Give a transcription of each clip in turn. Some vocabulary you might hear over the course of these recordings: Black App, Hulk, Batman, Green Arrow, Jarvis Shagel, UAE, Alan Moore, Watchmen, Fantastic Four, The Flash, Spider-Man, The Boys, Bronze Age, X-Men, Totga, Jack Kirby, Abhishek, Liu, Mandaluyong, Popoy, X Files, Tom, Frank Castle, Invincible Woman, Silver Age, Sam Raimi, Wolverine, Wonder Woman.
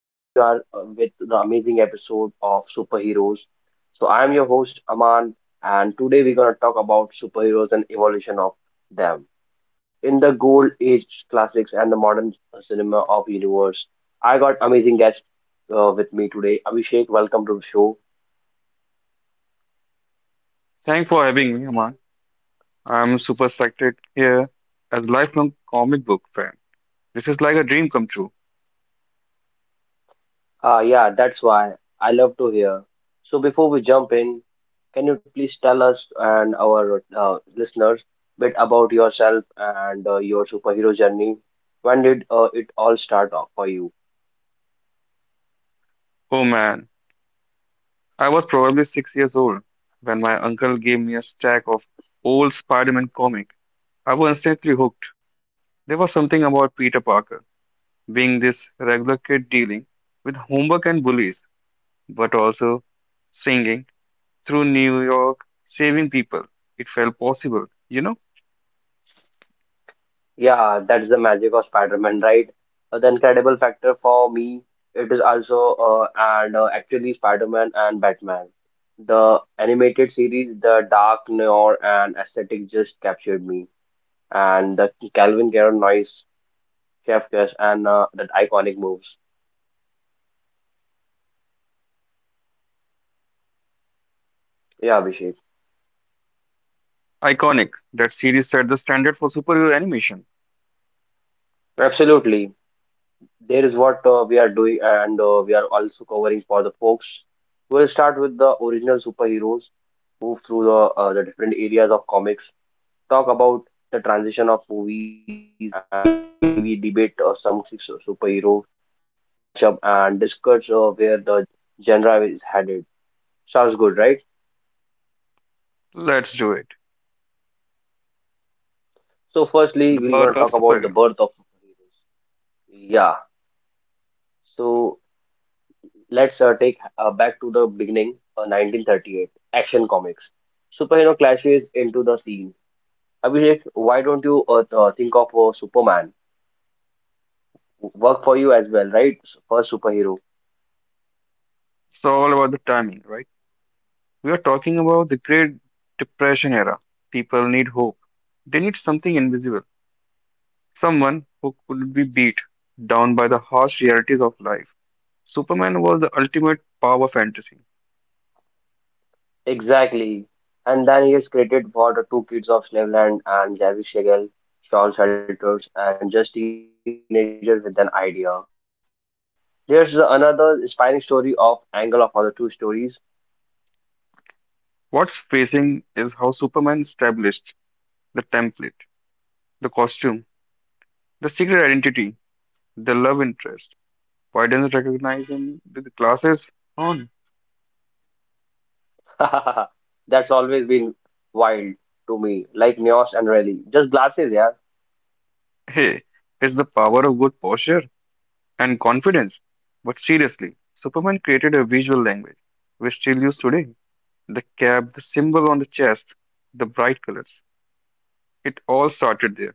Here you are with the amazing episode of superheroes. So I am your host Aman, and today we're gonna talk about superheroes and evolution of them in the gold age classics and the modern cinema of universe. I got amazing guest with me today, Abhishek. Welcome to the show. Thanks for having me, Aman. I'm super excited here as a lifelong comic book fan. This is like a dream come true. Ah, yeah, that's why I love to hear. So before we jump in, can you please tell us and our listeners bit about yourself and your superhero journey? When did it all start off for you? Oh man, I was probably 6 years old when my uncle gave me a stack of old Spider-Man comic. I was instantly hooked. There was something about Peter Parker being this regular kid dealing with homework and bullies, but also singing through New York, saving people. It felt possible, you know? Yeah, that's the magic of Spider-Man, right? The incredible factor for me, it is also and actually Spider-Man and Batman. The animated series, the dark noir and aesthetic just captured me. And the Calvin Garn Chef Kiss, and that iconic moves. Yeah, Abhishek. Iconic. That series set the standard for superhero animation. Absolutely. There is what we are doing, and we are also covering for the folks. We'll start with the original superheroes, move through the different areas of comics, talk about the transition of movies and TV, debate some classic superhero matchup, and discuss where the genre is headed. Sounds good, right? Let's do it. So, The firstly, we're going birth to of talk about the superhero. birth of superheroes. Yeah. So, let's take back to the beginning, 1938, Action Comics. Superhero clashes into the scene. Abhishek, why don't you think of Superman? Work for you as well, right? First superhero. It's all about the timing, right? We are talking about the Great Depression era. People need hope. They need something invisible, someone who could be beat down by the harsh realities of life. Superman was the ultimate power fantasy. Exactly. And then he is created for the two kids of Slaveland and Jarvis Shagel, Charles Helters, and just teenagers with an idea. There's another inspiring story of angle of other two stories. What's facing is how Superman established the template, the costume, the secret identity, the love interest. Why doesn't recognize him with glasses on? That's always been wild to me, like Neos and Raleigh. Just glasses, yeah. Hey, it's the power of good posture and confidence. But seriously, Superman created a visual language we still use today. The cap, the symbol on the chest, the bright colors. It all started there.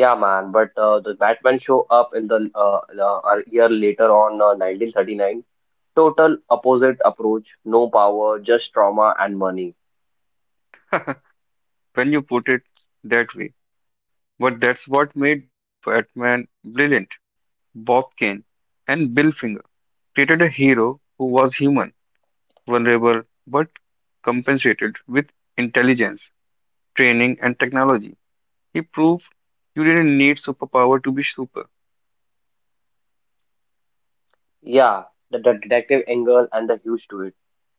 Yeah, man. But the Batman show up in a year later on 1939. Total opposite approach. No power, just trauma and money. When you put it that way. But that's what made Batman brilliant. Bob Kane and Bill Finger created a hero who was human, vulnerable, but compensated with intelligence, training, and technology. He proved you didn't need superpower to be super. Yeah, the detective angle and the huge to it.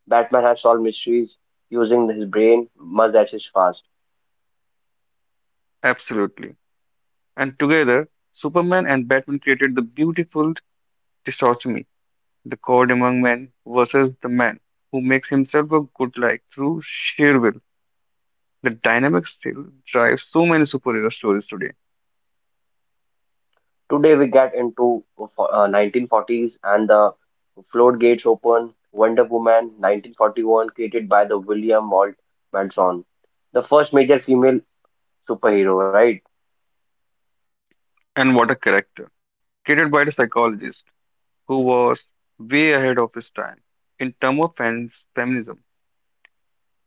Batman has solved mysteries using his brain, much as is fast. Absolutely. And together, Superman and Batman created the beautiful dichotomy, the god among men versus the man who makes himself a good like through sheer will. The dynamic still drives so many superhero stories today. Today we get into 1940s and the floodgates open. Wonder Woman 1941 created by the William Walt Benson, the first major female superhero, right? And what a character! Created by the psychologist who was way ahead of his time in terms of feminism.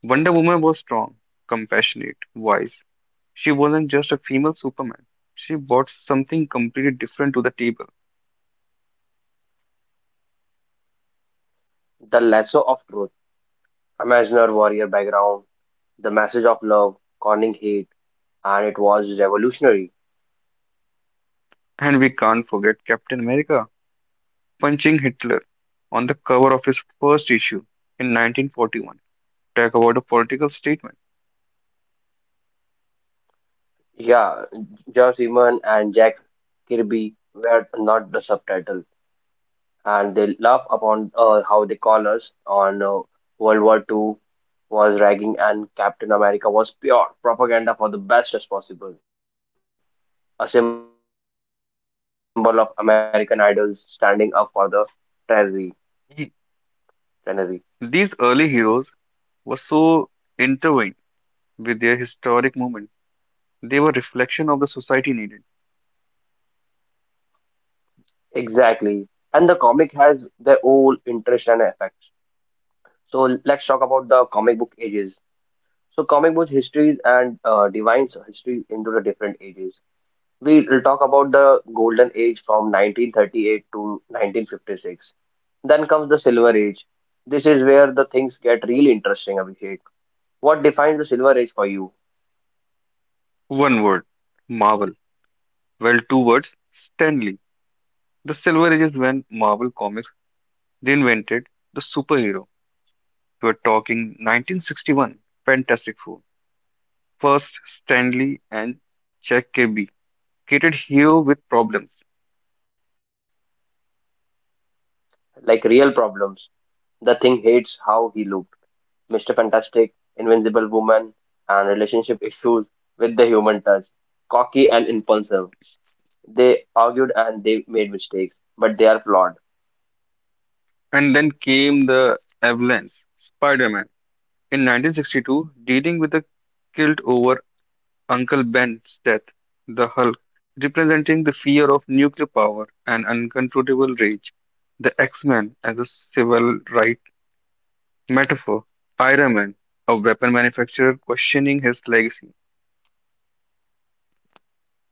Wonder Woman was strong, compassionate, wise. She wasn't just a female Superman. She brought something completely different to the table. The lasso of truth, Imaginar warrior background, the message of love, conning hate, and it was revolutionary. And we can't forget Captain America punching Hitler on the cover of his first issue in 1941. Talk about a political statement. Yeah, Josh Simon and Jack Kirby were not the subtitle, and they laugh upon how they call us on World War II was ragging and Captain America was pure propaganda for the best as possible, a symbol of American idols standing up for the treasury. treasury. He- These early heroes were so intertwined with their historic moment. They were reflection of the society needed. Exactly. And the comic has their own interest and effects. So let's talk about the comic book ages. So comic book histories and divines history into the different ages. We will talk about the golden age from 1938 to 1956. Then comes the Silver Age. This is where the things get really interesting, Abhishek. What defines the Silver Age for you? One word, Marvel. Well, two words, Stanley. The Silver Age is when Marvel Comics reinvented the superhero. We're talking 1961, Fantastic Four. First, Stanley and Jack Kirby created hue with problems. Like real problems. The thing hates how he looked. Mr. Fantastic, Invincible Woman, and relationship issues with the human touch. Cocky and impulsive. They argued and they made mistakes, but they are flawed. And then came the avalanche, Spider Man. In 1962, dealing with the guilt over Uncle Ben's death, the Hulk, representing the fear of nuclear power and uncontrollable rage, the X Men as a civil right metaphor, Iron Man, a weapon manufacturer questioning his legacy.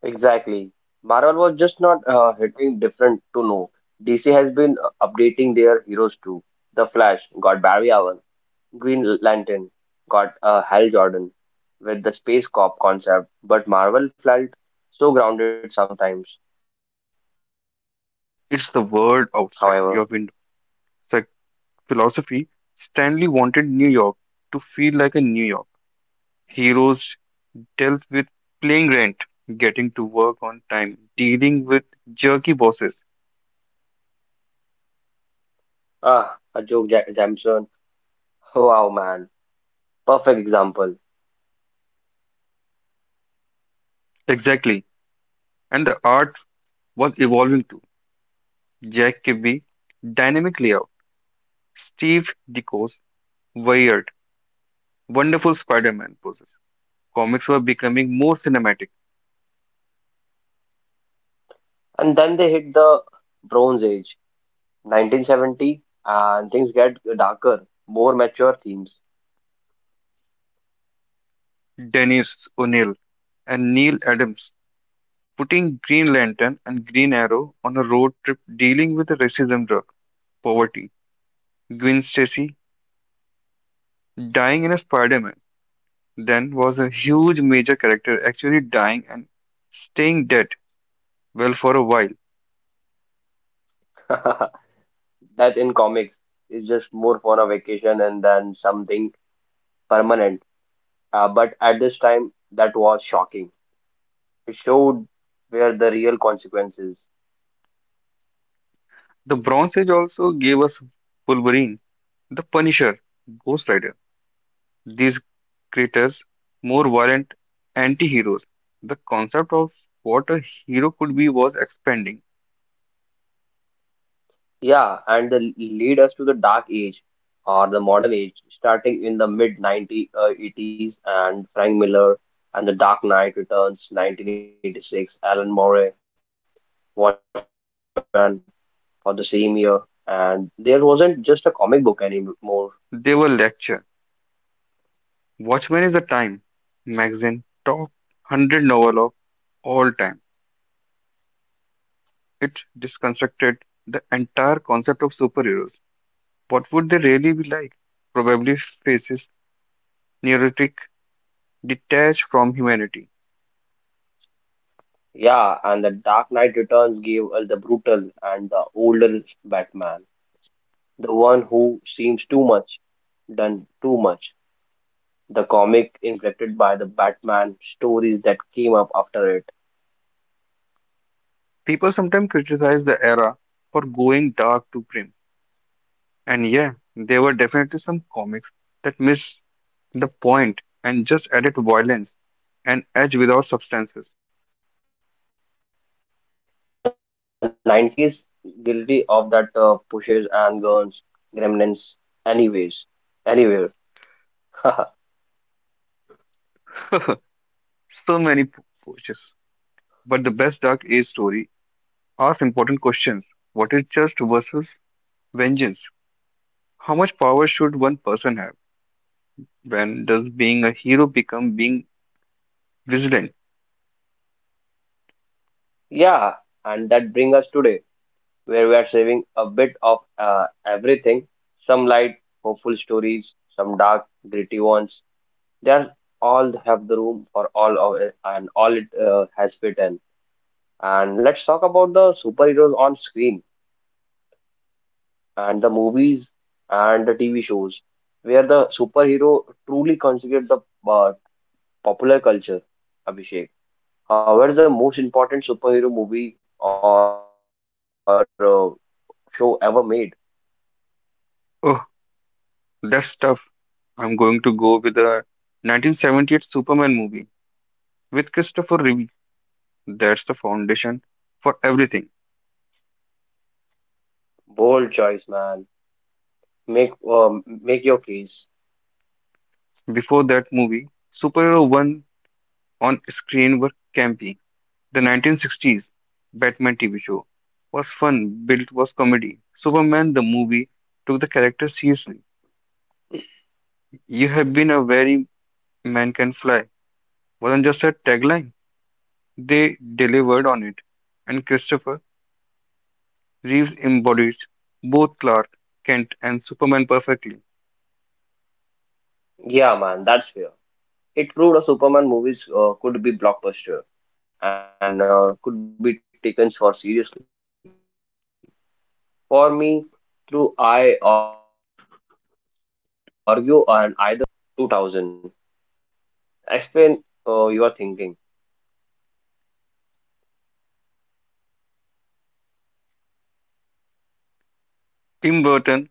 Exactly. Marvel was just not hitting different to know. DC has been updating their heroes too. The Flash got Barry Allen. Green Lantern got a Hal Jordan with the space cop concept, but Marvel felt so grounded sometimes. However, It's the world outside your window. Psych- Philosophy Stanley wanted New York to feel like a New York. Heroes dealt with playing rent, getting to work on time, dealing with jerky bosses. ah, a joke, Jameson. Wow, man, perfect example. Exactly. And the art was evolving too. Jack Kirby, dynamic layout. Steve Ditko's weird, wonderful Spider-Man poses. Comics were becoming more cinematic. And then they hit the Bronze Age, 1970, and things get darker, more mature themes. Dennis O'Neill and Neil Adams putting Green Lantern and Green Arrow on a road trip dealing with the racism drug, poverty. Gwen Stacy dying in a Spider-Man then was a huge major character actually dying and staying dead well for a while. That in comics is just more for a vacation and then something permanent. But at this time, that was shocking. He showed where the real consequences, The Bronze Age also gave us Wolverine, the Punisher, Ghost Rider. These creators more violent anti-heroes. The concept of what a hero could be was expanding. yeah, and the lead us to the dark age or the modern age, starting in the mid 90s, and Frank Miller and The Dark Knight Returns, 1986, Alan Moore, Watchmen for the same year, and there wasn't just a comic book anymore. They were lecture. Watchmen is the Time magazine top 100 novel of all time. It deconstructed the entire concept of superheroes. What would they really be like? Probably faces neurotic, detached from humanity. Yeah, and The Dark Knight Returns gave us the brutal and the older Batman, the one who seems too much done too much. The comic inflected by the Batman stories that came up after it. People sometimes criticize the era for going dark too grim. And yeah, there were definitely some comics that missed the point and just added violence and edge without substances. The 90s guilty of that pushes and guns, gremlins, anyways, anywhere. So many approaches But the best Dark Age story asks important questions. What is just versus vengeance? How much power should one person have? When does being a hero become being vigilant? Yeah, and that brings us today, where we are saving a bit of everything. Some light, hopeful stories, some dark, gritty ones. They are all have the room for all of it, and all it has fit in. And let's talk about the superheroes on screen, and the movies and the TV shows where the superhero truly considered the uh, popular culture, Abhishek. However, the most important superhero movie or show ever made. Oh, that's tough. I'm going to go with the 1978 Superman movie with Christopher Reeve. That's the foundation for everything. Bold choice, man. Make make your case. Before that movie, superhero one on screen were campy. The 1960s Batman TV show was fun, built was comedy. Superman the movie took the character seriously. You have been a very man can fly wasn't just a tagline. They delivered on it. And Christopher Reeves embodies both Clark Kent and Superman perfectly. Yeah, man, that's fair. It proved a Superman movies could be blockbuster and could be taken for seriously. For me, true, I argue on either the Spider-Man or Batman or just X-Men 2000. Explain your thinking. Tim Burton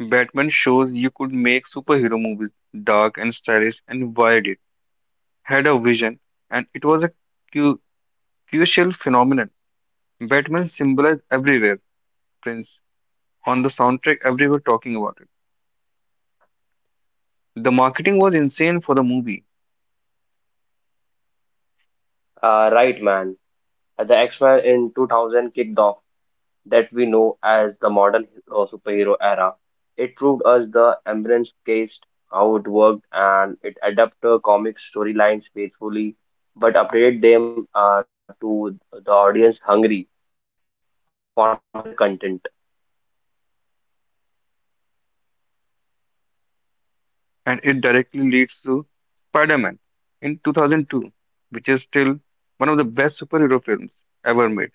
Batman shows you could make superhero movies dark and stylish and wide it had a vision and it was a cu- crucial phenomenon. Batman symbolized everywhere, Prince on the soundtrack everywhere talking about it. The marketing was insane for the movie, Right, man. The X-Men in 2000 kicked off that we know as the modern superhero era. It proved us the ambulance case, how it worked, and it adapted comic storylines faithfully, but updated them to the audience hungry for the content. and it directly leads to Spider-Man in 2002, which is still one of the best superhero films ever made.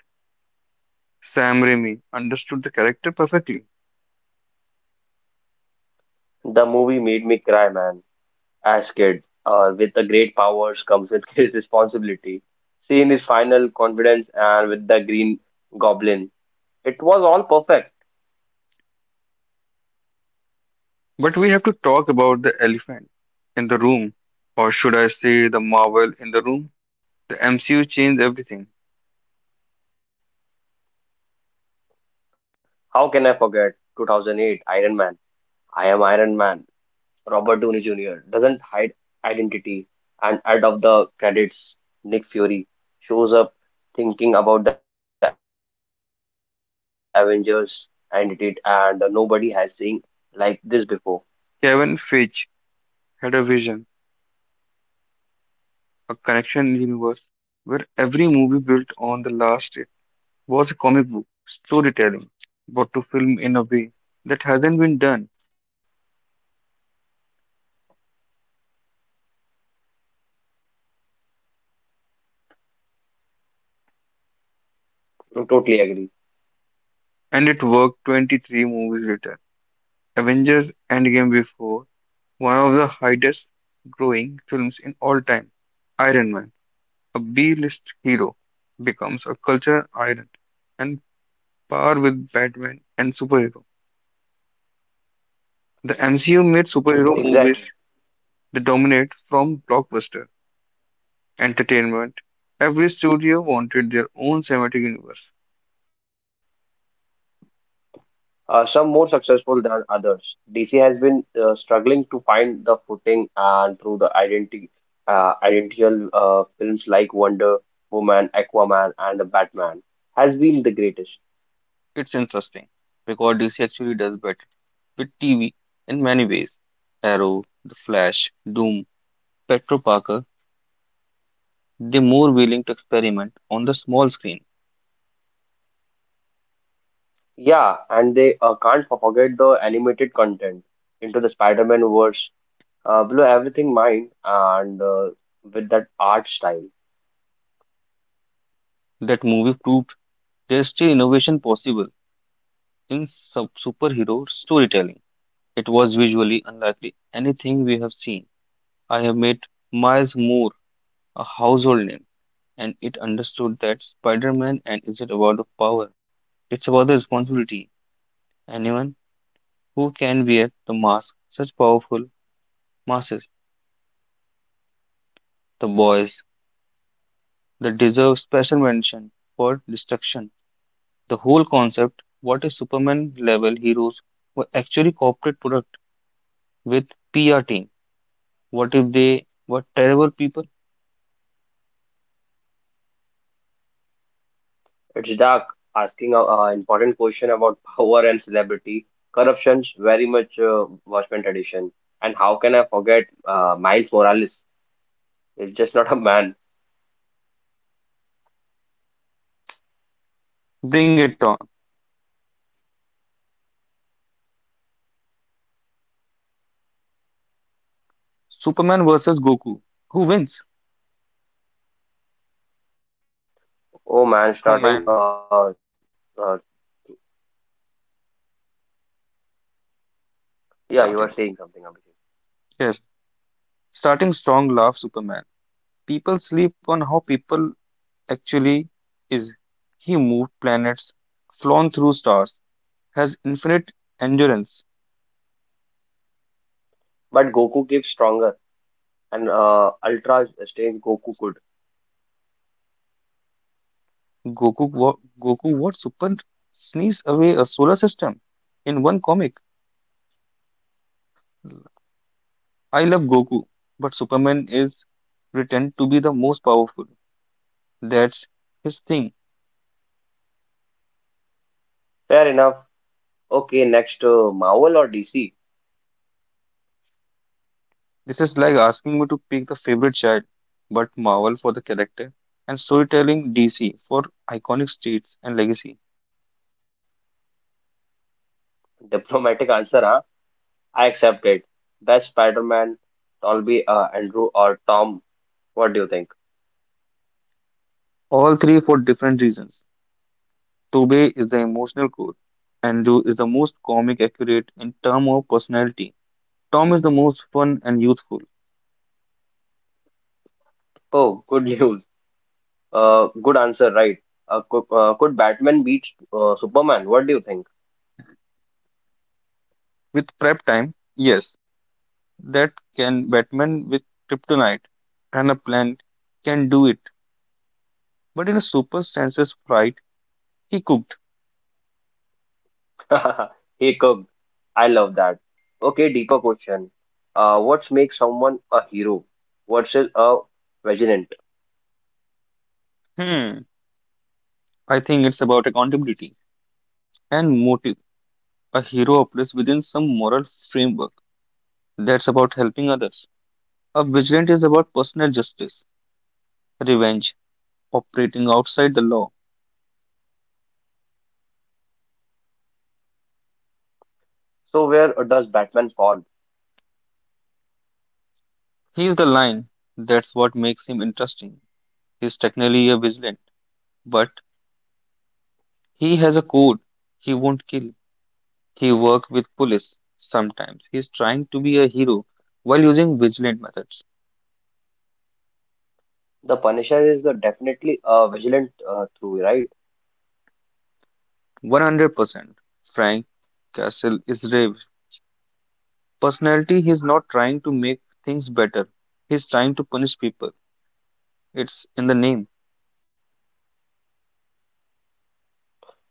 Sam Raimi understood the character perfectly. The movie made me cry, man, as kid. With the great powers comes with his responsibility. Seeing his final confidence and with the Green Goblin, it was all perfect. But we have to talk about the elephant in the room, or should I say, the marvel in the room. The MCU changed everything. How can I forget 2008 Iron Man? I am Iron Man. Robert Downey Jr. doesn't hide identity, and out of the credits, Nick Fury shows up thinking about the Avengers identity, and nobody has seen like this before. Kevin Feige had a vision, a connection universe where every movie built on the Yeah, last it Abhishek, what do you think? was a comic book storytelling, but to film in a way that hasn't been done, I totally agree. and it worked 23 movies later. Avengers Endgame before one of the highest growing films in all time. Iron Man. A B-list hero becomes a cultural icon and par with Batman and superhero. The MCU made superhero Exactly. movies that dominate from blockbuster entertainment. Every studio wanted their own cinematic universe. Some more successful than others. DC has been struggling to find the footing and through the identity, identical films like Wonder Woman, Aquaman, and the Batman has been the greatest. It's interesting because DC actually does better with TV in many ways. Arrow, The Flash, Doom, Petro Parker, they're more willing to experiment on the small screen. Yeah, and they can't forget the animated content into the Spider-Man verse, blew everything mind and with that art style. That movie proved there's still innovation possible in superhero storytelling. It was visually unlikely anything we have seen. I have made Miles Moore a household name, and it understood that Spider Man and isn't about the power, it's about the responsibility. Anyone who can wear the mask, such powerful masses, the boys, that deserve special mention for destruction. The whole concept, what if Superman level heroes were actually corporate product with PR team? What if they were terrible people? It's dark, asking an important question about power and celebrity. Corruption's very much Watchmen tradition. And how can I forget Miles Morales? It's just not a man. Bring it on. Superman versus Goku. Who wins? Oh man, Oh starting. man. Uh, yeah, you were Starting. saying something, Abhishek. Yes. Starting strong laugh Superman. People sleep on how people actually is. He moved planets, flown through stars, has infinite endurance. But Goku keeps stronger and Ultra stays Goku could. Goku what Super sneeze away a solar system in one comic. I love Goku, but Superman is pretend to be the most powerful. That's his thing. Fair enough. Okay, next Marvel or DC? This is like asking me to pick the favorite child, but Marvel for the character, and storytelling DC for iconic streets and legacy. Diplomatic answer, huh? I accept it. Best Spider-Man, Tolby, Andrew, or Tom? What do you think? All three for different reasons. Tobey is the emotional core, and Liu is the most comic accurate in term of personality. Tom is the most fun and youthful. Oh, good news. Good answer, right? Could Batman beat Superman? What do you think? With prep time, yes, that can Batman with kryptonite and a plan can do it. But in a super senses flight, he cooked. He could. I love that. Okay, deeper question. What makes someone a hero versus a vigilant? Hmm, I think it's about accountability and motive. A hero operates within some moral framework that's about helping others. A vigilant is about personal justice, revenge, operating outside the law. So where does Batman fall? He is the line, that's what makes him interesting. He's technically a vigilant, but he has a code. He won't kill. He works with police sometimes. He's trying to be a hero while using vigilant methods. The Punisher is the definitely a vigilant through, right? 100% Frank Castle is brave. Personality, he's not trying to make things better. He's trying to punish people. It's in the name.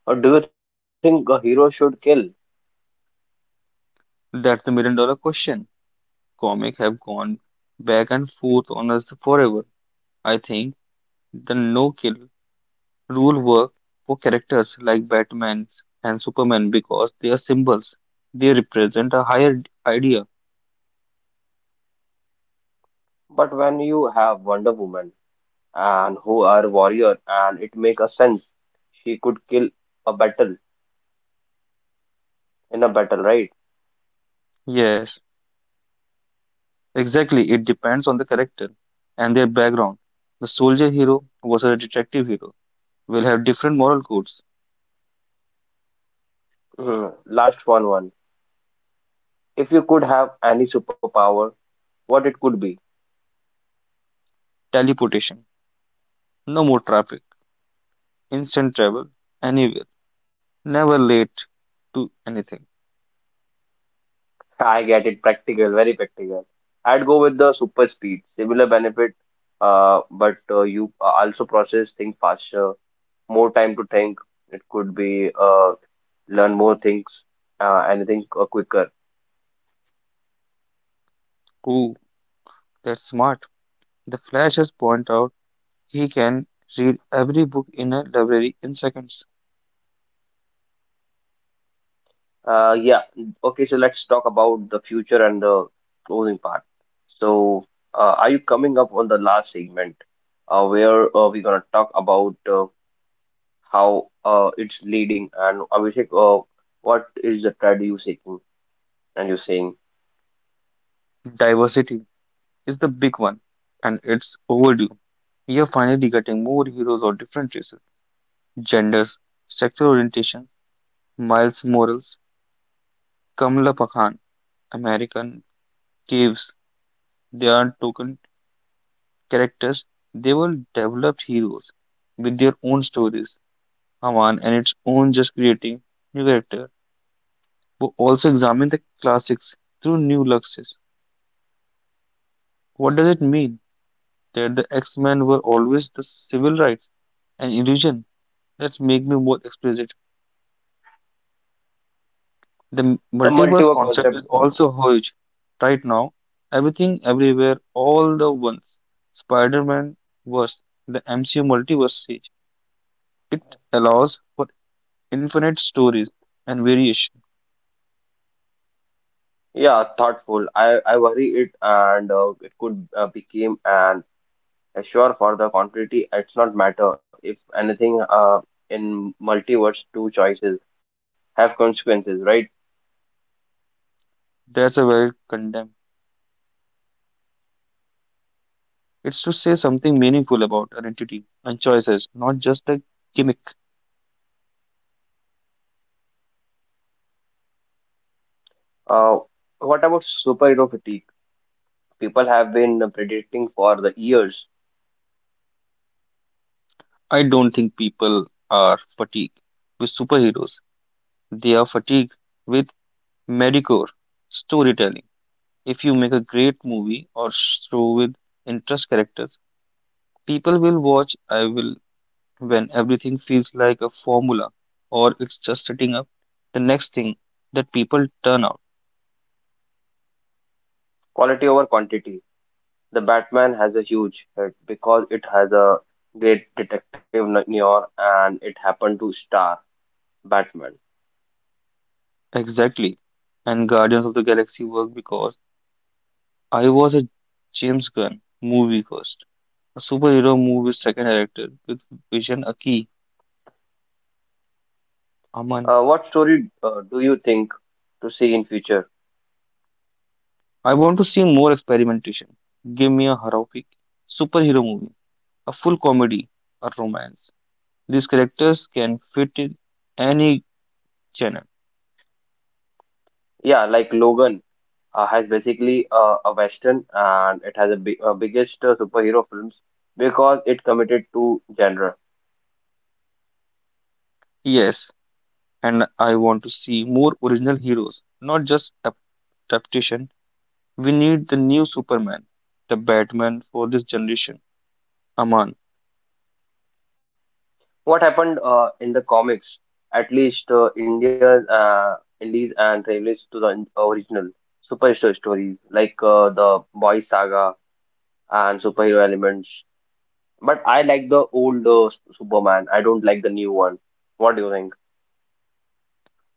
Or do you think a hero should kill? That's the $1 million question. Comics have gone back and forth on us forever. I think the no kill rule worked for characters like Batman and Superman because they are symbols. They represent a higher idea. But when you have Wonder Woman and who are warrior and it make a sense, she could kill a battle in a battle, right? Yes, exactly. It depends on the character and their background. The soldier hero versus a detective hero will have different moral codes. Mhm. Last one. If you could have any superpower, what it could be? Teleportation, no more traffic, instant travel, anywhere, never late to anything. I get it, practical, very practical. I'd go with the super speed, similar benefit, but you also process things faster, more time to think. It could be learn more things, anything quicker. Ooh, that's smart. The Flash has pointed out he can read every book in a library in seconds. Yeah. Okay, so let's talk about the future and the closing part. So, are you coming up on the last segment, where we're gonna talk about how it's leading and Abhishek, what is the trend you seeking and you're saying Diversity is the big one, and it's overdue. We are finally getting more heroes of different races, genders, sexual orientations. Miles Morales, Kamala Pakhan, American Caves. They are token characters. They were developed heroes with their own stories, Haman, and its own just creating new characters who also examine the classics through new lenses. What does it mean that the X-Men were always the civil rights and illusion that make me more explicit? The the multiverse multiverse concept concept? is also huge right now. Everything, everywhere, all the once. Spider-Man verse the MCU multiverse stage. It allows for infinite stories and variation. Yeah, thoughtful. I worry it and it could become an assure for the continuity. It's not matter if anything in multiverse two choices have consequences, right? That's a very condemned. It's to say something meaningful about identity and choices, not just a gimmick. Uh, what about superhero fatigue? People have been predicting for the years I don't think people are fatigued with superheroes. They are fatigued with mediocre storytelling. If you make a great movie or show with interest characters, people will watch. I will when everything feels like a formula or it's just setting up the next thing that people turn out. quality over quantity. The Batman has a huge hit because it has a great detective Noir and it happened to star Batman. Exactly. And Guardians of the Galaxy worked because I was a James Gunn movie first, a superhero movie second director with Vision Aki Aman. What story do you think to see in future? I want to see more experimentation. Give me a horrific superhero movie, a full comedy, a romance. These characters can fit in any genre. Yeah, like Logan has basically a western and it has a biggest superhero films because it committed to genre. Yes, and I want to see more original heroes, not just adaptation. We need the new Superman, the Batman for this generation. Aman, What happened in the comics, at least India's Indies and relates to the original superhero stories like the Boy Saga and superhero elements. But I like the old Superman. I don't like the new one. What do you think?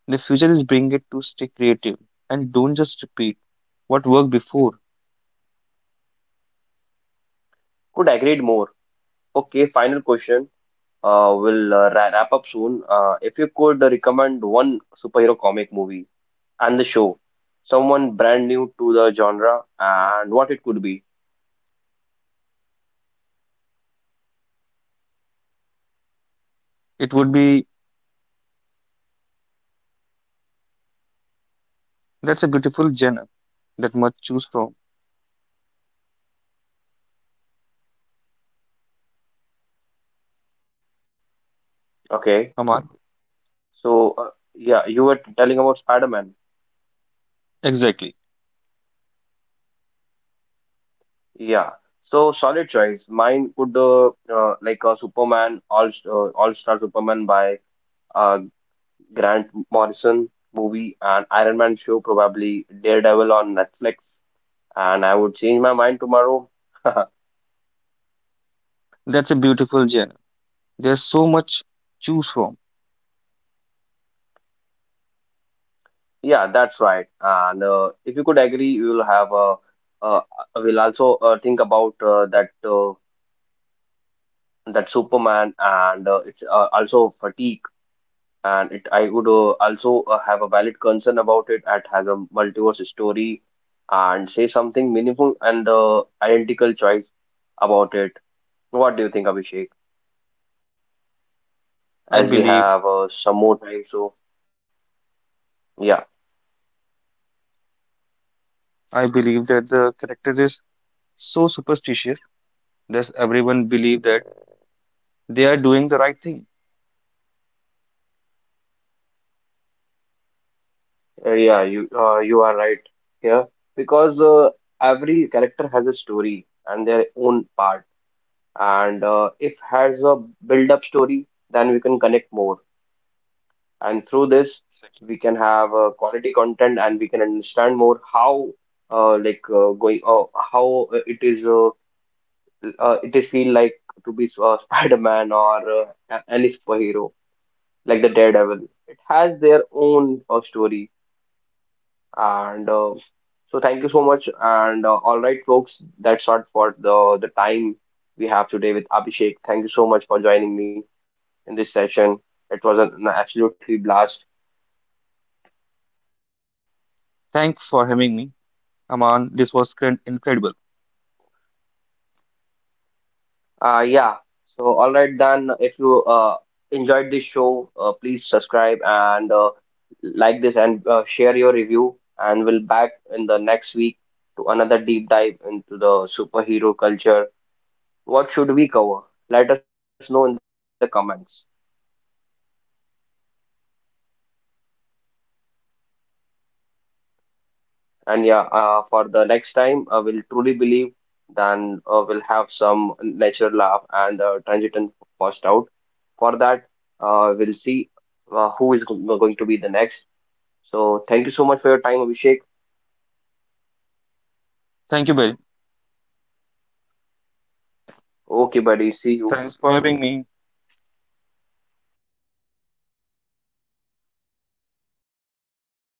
the future is bring it to stay creative and don't just repeat what worked before. Could agree more. Okay, final question. We'll wrap up soon. If you could recommend one superhero comic movie and the show, someone brand new to the genre, and what it could be. It would be that's a beautiful genre that much choose from. Okay. Aman, So, yeah, you were telling about Spider-Man. exactly. Yeah. So, solid choice. Mine would like a Superman, All-Star Superman by uh, Grant Morrison movie and Iron Man show, probably Daredevil on Netflix. And I would change my mind tomorrow. That's a beautiful genre. There's so much choose from. Yeah, that's right. And if you could agree, you will have a. Uh, we'll also think about that Superman and it's also fatigue. And it, I would also have a valid concern about it. It has a multiverse story and say something meaningful and identical choice about it. What do you think, Abhishek? I As we believe have some more time, so yeah, I believe that the character is so superstitious that everyone believe that they are doing the right thing. Yeah, you are right here because every character has a story and their own part, and if has a build-up story, then we can connect more. And through this Exactly. we can have quality content and we can understand more how going how it is feel like to be Spider-Man or any superhero like the Daredevil. It has their own story and so thank you so much and all right folks that's all for the time we have today with Abhishek. Thank you so much for joining me in this session. It was an absolutely blast. Thanks for having me, Aman. This was incredible. Yeah. So, all right, then. If you enjoyed this show, please subscribe and like this and share your review. And we'll back in the next week to another deep dive into the superhero culture. What should we cover? Let us know in the comments. And yeah, for the next time, I will truly believe then we'll have some natural laugh and transition first out. For that, we'll see who is going to be the next. So thank you so much for your time, Abhishek. Thank you, very. Okay, buddy. See you. Thanks for having me.